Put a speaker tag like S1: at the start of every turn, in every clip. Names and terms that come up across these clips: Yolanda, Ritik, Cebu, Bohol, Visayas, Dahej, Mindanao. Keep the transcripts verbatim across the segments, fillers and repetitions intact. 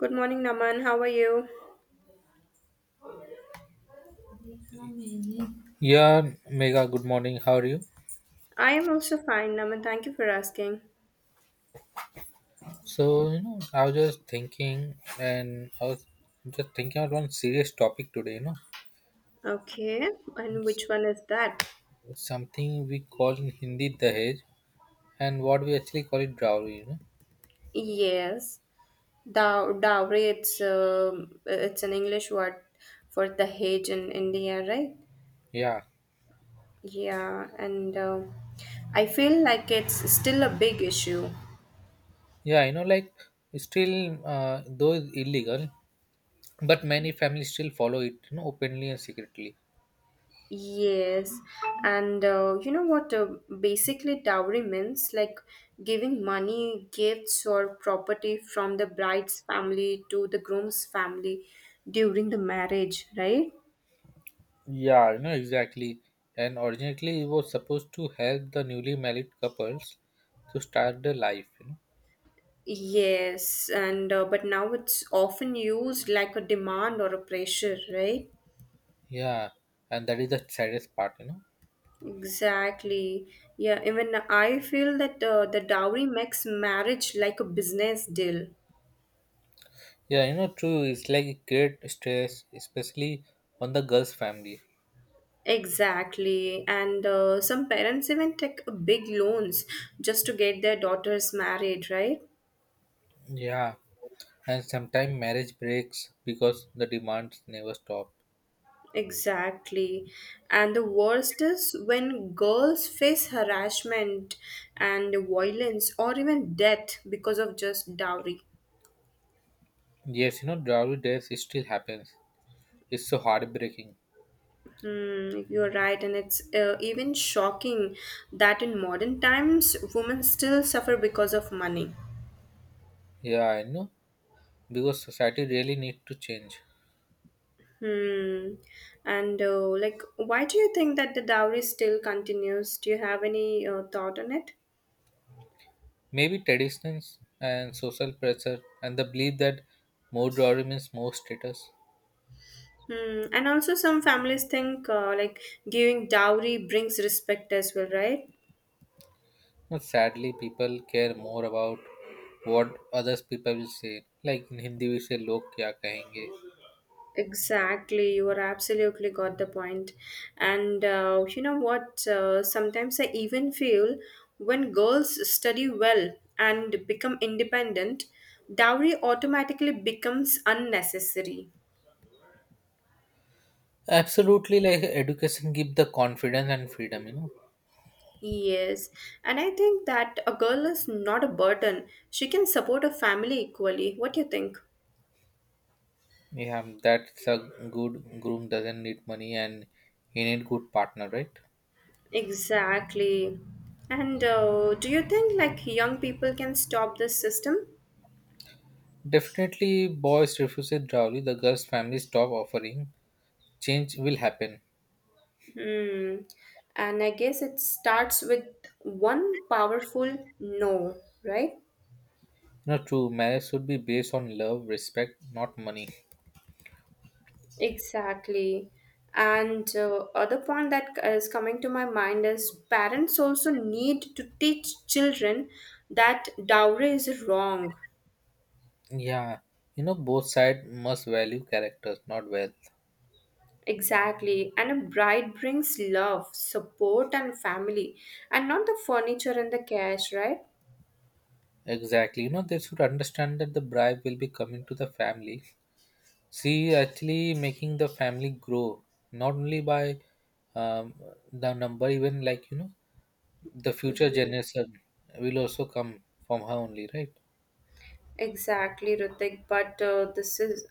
S1: Good morning, Naman. How are you?
S2: Yeah, Mega, good morning. How are you?
S1: I am also fine, Naman. Thank you for asking.
S2: So, you know, I was just thinking and I was just thinking about one serious topic today, you know,
S1: Okay, and which one is that?
S2: something we call in Hindi Dahej, and what we actually call it dowry, you know.
S1: Yes, Dow dowry. It's um, it's an English word for the hedge in India, right?
S2: Yeah.
S1: Yeah, and uh, I feel like it's still a big issue.
S2: Yeah, you know, like it's still, uh, though it's illegal, but many families still follow it, you know, openly and secretly.
S1: Yes, and uh, you know what uh, basically dowry means like giving money, gifts, or property from the bride's family to the groom's family during the marriage, right?
S2: Yeah, you know, exactly. And originally it was supposed to help the newly married couples to start their life, you know.
S1: Yes, and uh, but now it's often used like a demand or a pressure, right?
S2: Yeah, and that is the saddest part, you know.
S1: Exactly. Yeah, even I feel that uh, the dowry makes marriage like a business deal.
S2: Yeah, you know, true. It's like it create stress, especially on the girl's family.
S1: Exactly. And uh, some parents even take big loans just to get their daughters married, right?
S2: Yeah, and sometimes marriage breaks because the demands never stop.
S1: Exactly. And the worst is when girls face harassment and violence or even death because of just dowry.
S2: Yes, you know, dowry days it still happens. It's so heartbreaking.
S1: Hmm, you're right, and it's uh, even shocking that in modern times women still suffer because of money.
S2: Yeah, I know, because society really need to change.
S1: Hmm. And uh, like, why do you think that the dowry still continues? Do you have any uh, thought on it?
S2: Maybe traditions and social pressure and the belief that more dowry means more status.
S1: Hmm. And also, some families think uh, like giving dowry brings respect as well, right?
S2: But sadly, people care more about what others people will say. Like in Hindi, we say "log kya kahenge."
S1: Exactly, you are absolutely got the point. And uh, you know what? Uh, sometimes I even feel when girls study well and become independent, dowry automatically becomes unnecessary.
S2: Absolutely, like education give the confidence and freedom. You know,
S1: Yes, and I think that a girl is not a burden. She can support a family equally. What do you think?
S2: yeah, that's a good groom doesn't need money and he need good partner, right?
S1: Exactly. And uh, do you think like young people can stop this system?
S2: Definitely, boys refuse it drawly. The girl's family stop offering. Change will happen.
S1: Hmm. And I guess it starts with one powerful no, right?
S2: You know, true marriage should be based on love, respect, not money.
S1: Exactly. And uh, other point that is coming to my mind is parents also need to teach children that dowry is wrong.
S2: Yeah, you know, both side must value characters, not wealth.
S1: Exactly. And a bride brings love, support, and family, and not the furniture and the cash, right?
S2: Exactly. You know, they should understand that the bribe will be coming to the family. She actually making the family grow, not only by um, the number, even like, you know, the future
S1: Ye-
S2: generation will also come from her only, right?
S1: Exactly, Ritik. But uh, this is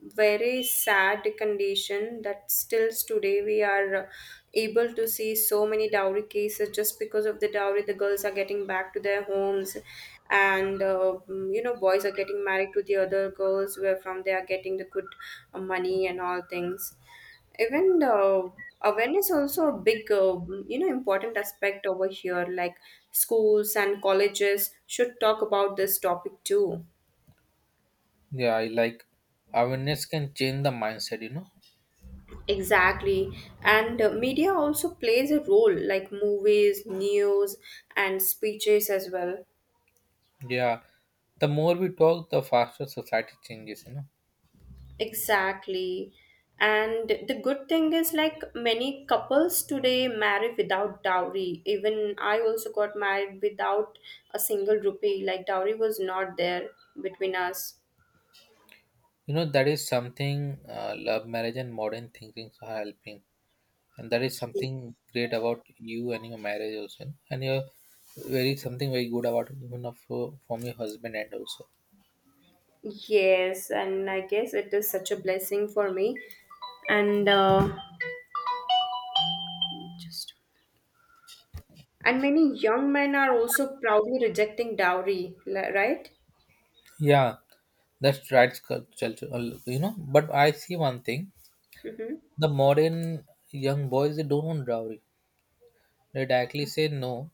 S1: very sad condition that still today we are uh, able to see so many dowry cases just because of the dowry the girls are getting back to their homes, and uh, mm, you know boys are getting married to the other girls where from they are getting the good uh, money and all things. Even uh, awareness also a big uh, you know important aspect over here, like schools and colleges should talk about this topic too.
S2: Yeah, I like awareness can change the mindset, you know.
S1: Exactly. And uh, media also plays a role, like movies, news, and speeches as well.
S2: Yeah. The more we talk, the faster society changes, you know.
S1: Exactly. And the good thing is like many couples today marry without dowry. Even I also got married without a single rupee, like dowry was not there between us.
S2: You know, that is something uh, love marriage and modern thinking are helping, and that is something great about you and your marriage also, and you're very something very good about even of uh, from your husband and also
S1: Yes, and I guess it is such a blessing for me. And uh, just and many young men are also proudly rejecting dowry, li- right?
S2: yeah, that's right culture, uh, you know, but I see one thing,
S1: Mm-hmm.
S2: the modern young boys they don't want dowry, they directly say no,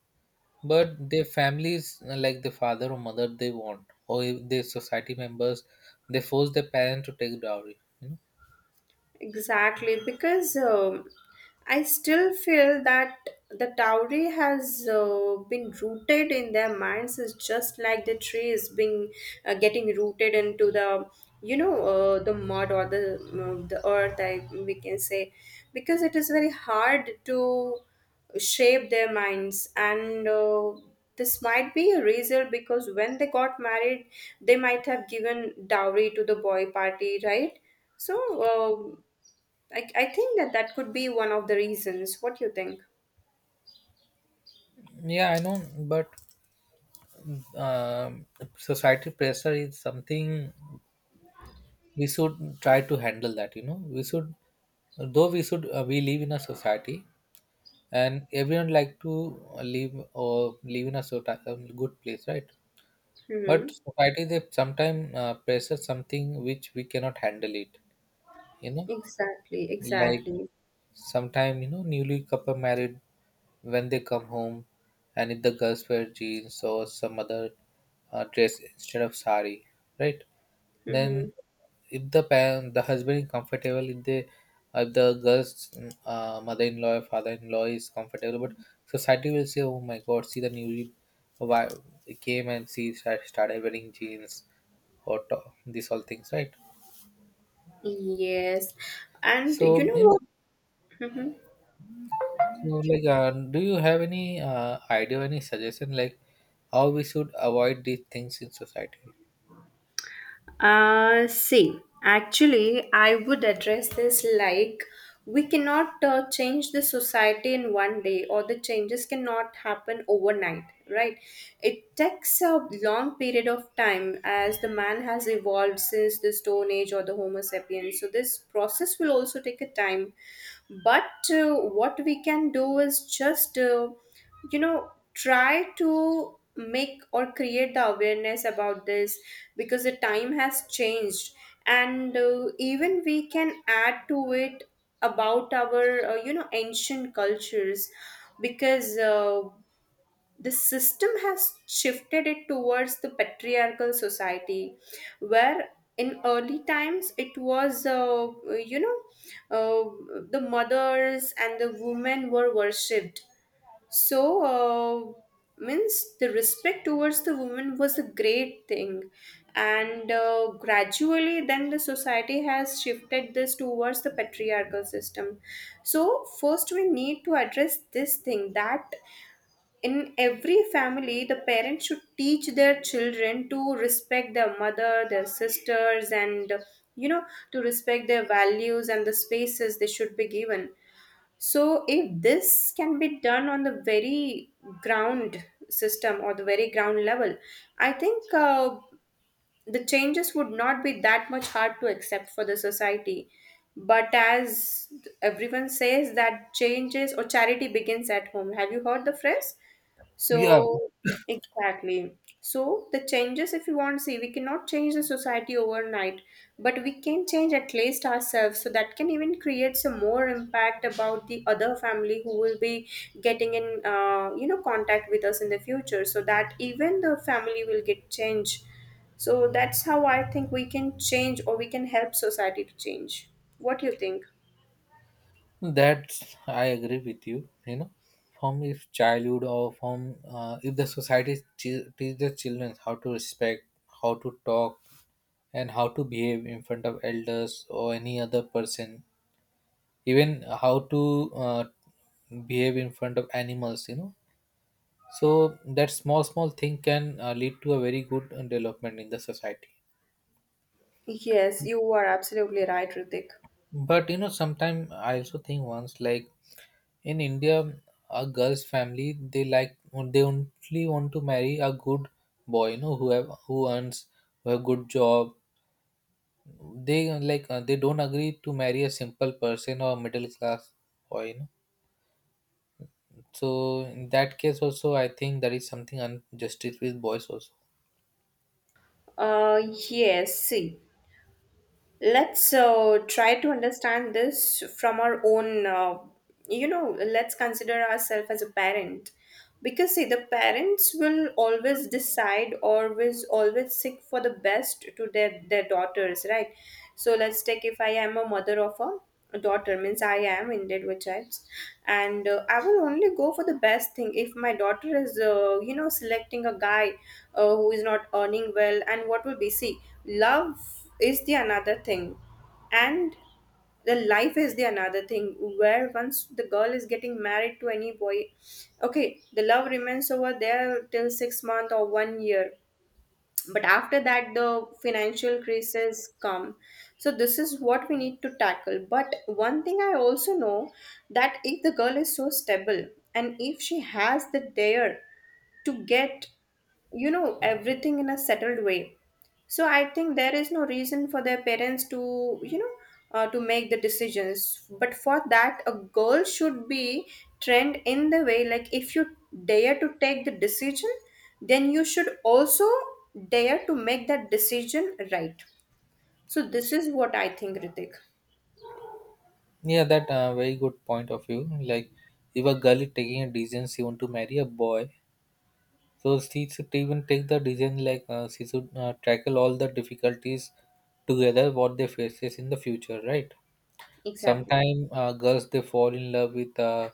S2: but their families, like the father or mother they want, or if their society members, they force their parents to take dowry, you know.
S1: Exactly, because um, I still feel that the dowry has uh, been rooted in their minds, is just like the tree is being uh, getting rooted into the, you know uh, the mud, or the uh, the earth, I we can say, because it is very hard to shape their minds. And uh, this might be a reason, because when they got married they might have given dowry to the boy party, right? So um, I, I think that that could be one of the reasons. What do you think?
S2: Yeah, I know, but um, society pressure is something we should try to handle that, you know. We should, though we should, uh, we live in a society and everyone like to uh, live or live in a sort um, good place, right? But
S1: Hmm.
S2: society they sometimes uh, pressure something which we cannot handle it, you know.
S1: Exactly,
S2: Like,
S1: exactly.
S2: sometimes you know, newly couple married, when they come home, and if the girls wear jeans or some other uh, dress instead of sari, right?
S1: Hmm.
S2: Then if the parent, the husband is comfortable, if they, if the girl's mm, uh, mother-in-law or father-in-law is comfortable, but society will say, "Oh my God, see the newly why came and see start started wearing jeans or top, these all things, right?"
S1: Yes. And you
S2: So
S1: know
S2: you know,
S1: what? Hmm.
S2: so, like, uh, do you have any uh, idea, any suggestion, like how we should avoid these things in society?
S1: Uh, see, actually, I would address this like we cannot uh, change the society in one day, or the changes cannot happen overnight, right? It takes a long period of time, as the man has evolved since the Stone Age or the Homo sapiens. So this process will also take a time, but uh, what we can do is just uh, you know try to make or create the awareness about this, because the time has changed. And uh, even we can add to it about our uh, you know ancient cultures, because uh, the system has shifted it towards the patriarchal society, where in early times it was uh, you know uh, the mothers and the women were worshipped. So uh, means, the respect towards the women was a great thing. And uh, gradually then the society has shifted this towards the patriarchal system. So first we need to address this thing, that in every family the parents should teach their children to respect their mother, their sisters, and you know to respect their values and the spaces they should be given. So if this can be done on the very ground system, or the very ground level, I think uh, the changes would not be that much hard to accept for the society. But as everyone says, that changes or charity begins at home, have you heard the phrase?
S2: Yeah,
S1: So, exactly. So the changes, if you want to see, we cannot change the society overnight, but we can change at least ourselves. So that can even create some more impact about the other family who will be getting in uh, you know, contact with us in the future. So that even the family will get changed. So that's how I think we can change, or we can help society to change. What do you think?
S2: that I agree with you. You know, from if childhood or from uh, if the society te- teach the children how to respect, how to talk, and how to behave in front of elders or any other person, even how to uh, behave in front of animals. You know, so that small small thing can uh, lead to a very good uh, development in the society.
S1: Yes, you are absolutely right, Ritik.
S2: But you know sometimes I also think once, like in India, a girl's family they like, they only want to marry a good boy, you know, who have, who earns, who have good job, they, uh, like uh, they don't agree to marry a simple person or middle class boy, you know. So in that case also I think that is something unjustice with boys also.
S1: Uh, yes, see, let's uh, try to understand this from our own, uh, you know let's consider ourselves as a parent, because see, the parents will always decide, always always seek for the best to their their daughters, right? So let's take, if I am a mother of a daughter, means I am indeed with chips, and uh, I will only go for the best thing. If my daughter is uh, you know selecting a guy uh, who is not earning well, and what will be, see, love is the another thing, and the life is the another thing, where once the girl is getting married to any boy, okay, the love remains over there till six month or one year, but after that the financial crises come. So this is what we need to tackle. But one thing I also know, that if the girl is so stable, and if she has the dare to get, you know everything in a settled way, so I think there is no reason for their parents to, you know, uh, to make the decisions. But for that, a girl should be trained in the way, like if you dare to take the decision, then you should also dare to make that decision, right? So this is what I think, Ritik.
S2: Yeah, that uh, very good point of view. Like, if a girl is taking a decision, she want to marry a boy, so she should even take the decision like, uh, she should uh, tackle all the difficulties together what they faces in the future, right?
S1: Exactly.
S2: Sometimes uh, girls they fall in love with a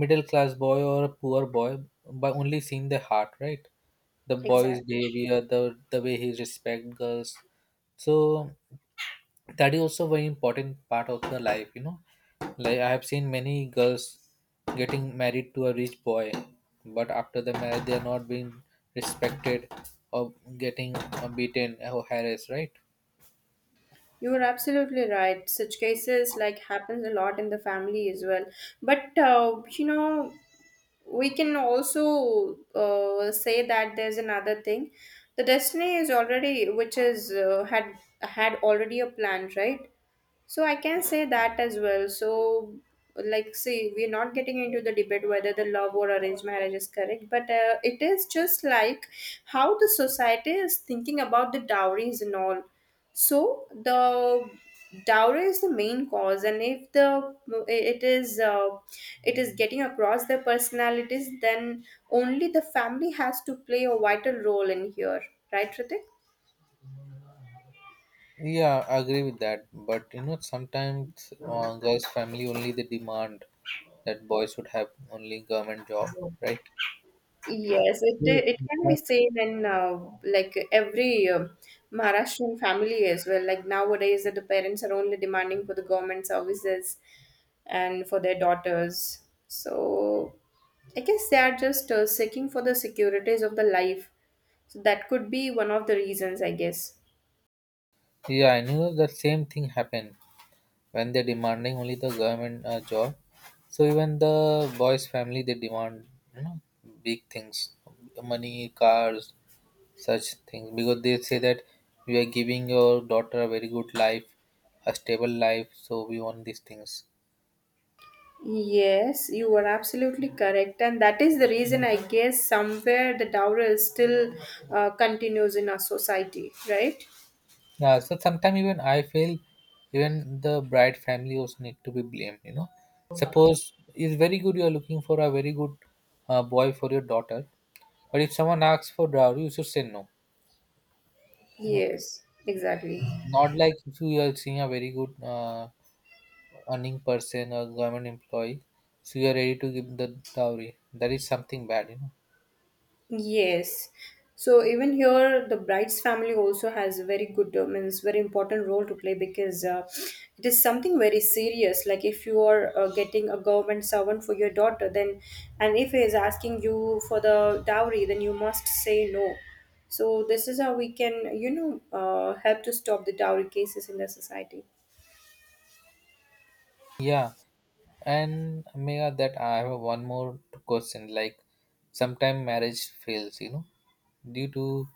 S2: middle class boy or a poor boy by only seeing the heart, right? The boy's
S1: Exactly.
S2: behavior, the the way he respect girls. So that is also very important part of the life, you know, like I have seen many girls getting married to a rich boy, but after the marriage they are not being respected or getting uh, beaten or harassed, right?
S1: You are absolutely right. Such cases like happens a lot in the family as well. But uh, you know, we can also uh, say that there's another thing, the destiny is already, which is uh, had had already a plan, right? So I can say that as well. So like, see, we're not getting into the debate whether the love or arranged marriage is correct, but uh, it is just like how the society is thinking about the dowries and all. So the dowry is the main cause, and if the it is uh, it is getting across their personalities, then only the family has to play a vital role in here, right, Ritik?
S2: Yeah, I agree with that, but you know sometimes uh, girls family only they demand that boys should have only government job, right?
S1: Yes, it it can be seen in uh, like every uh, Maharashtrian family as well. Like nowadays, that the parents are only demanding for the government services, and for their daughters. So I guess they are just uh, seeking for the securities of the life. So that could be one of the reasons, I guess.
S2: Yeah, and you know the same thing happened when they're demanding only the government uh, job, so even the boys family they demand, you know, big things, money, cars, such things because they say that we are giving your daughter a very good life, a stable life, so we want these things.
S1: Yes, you are absolutely correct, and that is the reason, I guess somewhere the dowry is still uh, continues in our society, right?
S2: Yeah, so sometimes even I feel even the bride family also need to be blamed, you know. Suppose it's very good you are looking for a very good uh, boy for your daughter, but if someone asks for dowry you should say no, you know.
S1: Yes, exactly.
S2: Not like if you are seeing a very good uh, earning person or government employee, so you are ready to give the dowry. That is something bad, you know.
S1: Yes. So even here, the bride's family also has a very good, uh, means, very important role to play, because uh, it is something very serious. Like if you are uh, getting a government servant for your daughter, then and if he is asking you for the dowry, then you must say no. So this is how we can, you know, uh, help to stop the dowry cases in the society.
S2: Yeah, and Mega, that I have one more question. Like, sometimes marriage fails, you know, due to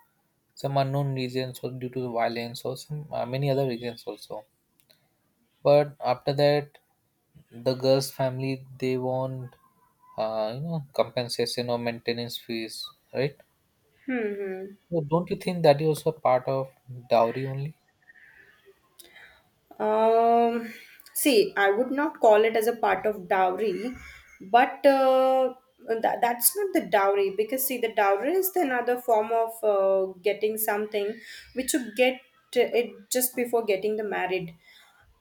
S2: some unknown reasons or due to violence or some, uh, many other reasons also. But after that, the girl's family they want, uh, you know, compensation or maintenance fees, right?
S1: Hmm. Hmm.
S2: So don't you think that is also part of dowry only?
S1: Um, See, I would not call it as a part of dowry, but uh, that, that's not the dowry, because see, the dowry is the another form of uh, getting something, which you get uh, it just before getting the married.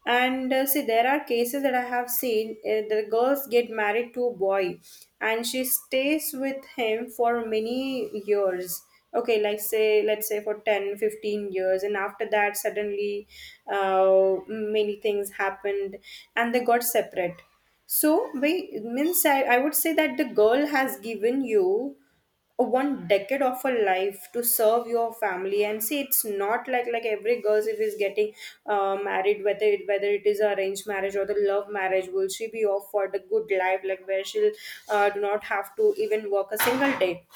S1: And uh, see, there are cases that I have seen, uh, the girls get married to a boy and she stays with him for many years. Okay, like say, let's say for ten, fifteen years, and after that suddenly uh, many things happened, and they got separate. So we means I, I would say that the girl has given you one decade of a life to serve your family. And see, it's not like, like every girl if is getting uh, married, whether it whether it is arranged marriage or the love marriage, will she be off for the good life, like where she'll uh, do not have to even work a single day?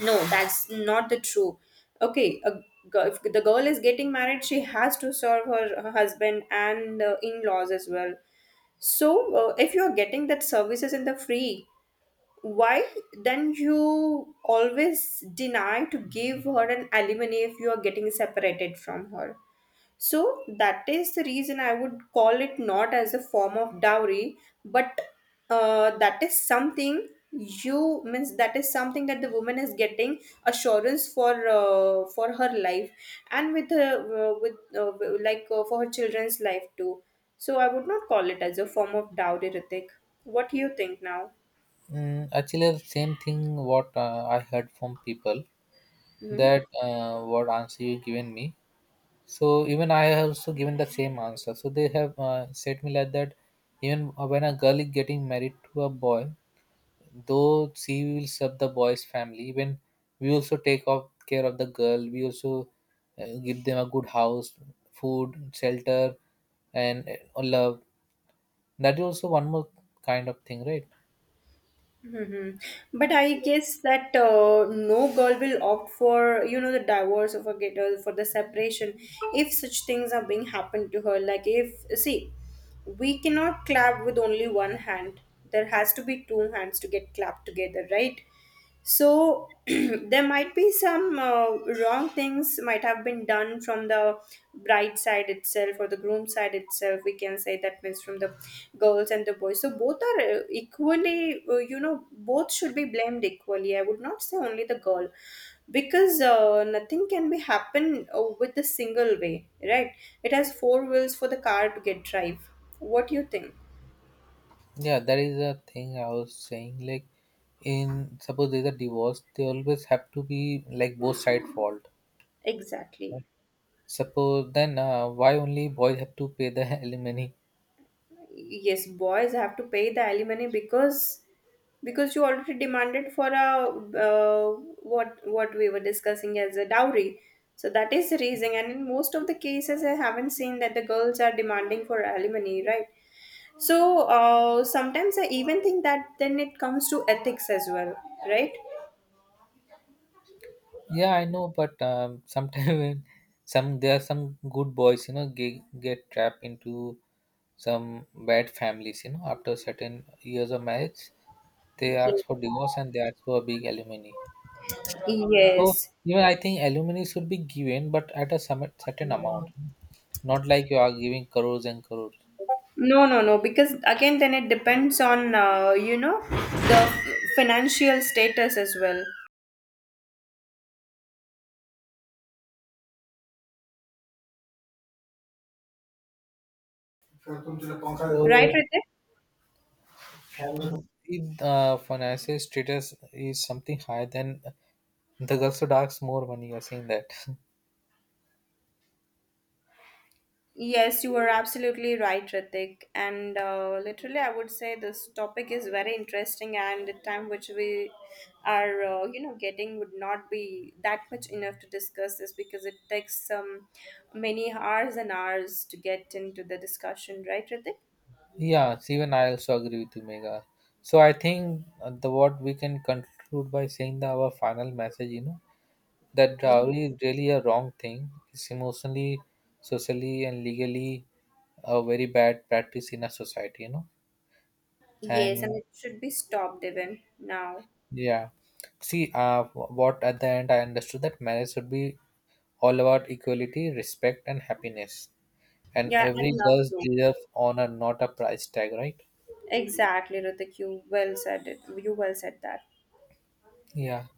S1: No, that's not the true. Okay, a, girl- if the girl is getting married, she has to serve her, her husband and uh, in-laws as well. So uh, if you are getting that services in the free, why then you always deny to give her an alimony if you are getting separated from her? So that is the reason I would call it not as a form of dowry, but uh, that is something, you means, that is something that the woman is getting assurance for, uh, for her life, and with her uh, with uh, like uh, for her children's life too. So I would not call it as a form of dowry, Ritik. What do you think now?
S2: Mm, actually, the same thing what uh, I heard from people,
S1: Mhm.
S2: that uh, what answer you given me. So even I have also given the same answer. So they have uh, said me like that. Even when a girl is getting married to a boy, though she will serve the boy's family, even we also take of care of the girl. We also uh, give them a good house, food, shelter, and uh, love. That is also one more kind of thing, right?
S1: Hmm. But I
S2: So,
S1: guess that uh, no girl will opt for you know the divorce of a get uh, for the separation, if such things are being happened to her. Like if, see, we cannot clap with only one hand. There has to be two hands to get clapped together, right? So there might be some uh, wrong things might have been done from the bride side itself or the groom side itself, we can say, that means from the girls and the boys. So both are uh, equally, uh, you know both should be blamed equally, I would not say only the girl, because uh, nothing can be happen uh, with a single way, right? It has four wheels for the car to get drive. What do you think?
S2: yeah, that is a thing I was saying. Like in suppose there's a divorce, they always have to be like both side fault.
S1: Exactly.
S2: Right? Suppose then uh, why only boys have to pay the alimony?
S1: Yes, boys have to pay the alimony, because because you already demanded for a uh, what what we were discussing as a dowry, so that is the reason. And in most of the cases I haven't seen that the girls are demanding for alimony, right? So uh, sometimes I even think that then it comes to ethics as well, right?
S2: Yeah, I know, but um, sometimes some there are some good boys, you know, get, get trapped into some bad families. You know, after certain years of marriage, they
S1: Yes.
S2: ask for divorce and they ask for a big alimony. So
S1: Yes.
S2: even I think aluminum should be given, but at a some certain amount, not like you are giving crores and crores.
S1: No, no, no. Because again, then it depends on uh, you know the financial status as well. Right,
S2: So
S1: Ritik?
S2: if uh, financial status is something higher, then the girl should ask more money. You're saying that.
S1: Yes, you are absolutely right, Ritik. And uh, literally, I would say this topic is very interesting, and the time which we are, uh, you know, getting would not be that much enough to discuss this, because it takes some many hours and hours to get into the discussion, right, Ritik?
S2: Yeah, even I also agree with you, Mega. So I think uh, the what we can conclude by saying that our final message, you know, that
S1: Ye-
S2: dowry is really a wrong thing. It's emotionally, socially, and legally a very bad practice in a society, you know.
S1: Yes, and
S2: And
S1: it should be stopped even now.
S2: yeah. See, uh, wh- what at the end I understood that marriage should be all about equality, respect, and happiness. And
S1: Yeah, I
S2: every
S1: love
S2: girl
S1: to.
S2: deserves honor, not a price tag, right?
S1: Exactly, Ritik. You well said it. You well said that.
S2: Yeah.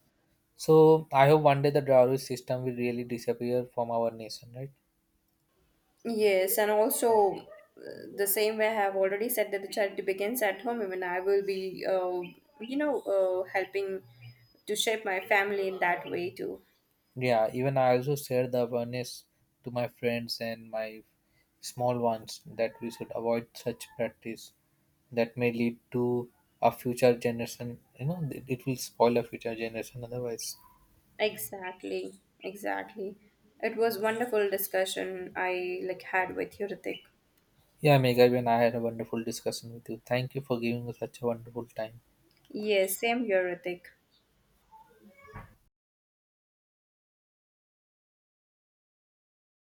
S2: So I hope one day the dowry system will really disappear from our nation, right?
S1: Yes, and also uh, the same way I have already said that the charity begins at home. Even I will be, uh, you know, uh, helping to shape my family in that way too.
S2: Yeah. Even I also share the awareness to my friends and my small ones that we should avoid such practice that may lead to a future generation. You know, it it will spoil a future generation otherwise.
S1: Exactly, exactly. It was wonderful discussion I like had with you, Ritik.
S2: Yeah, Megha, and I had a wonderful discussion with you. Thank you for giving us such a wonderful time.
S1: Yes, same here, Ritik.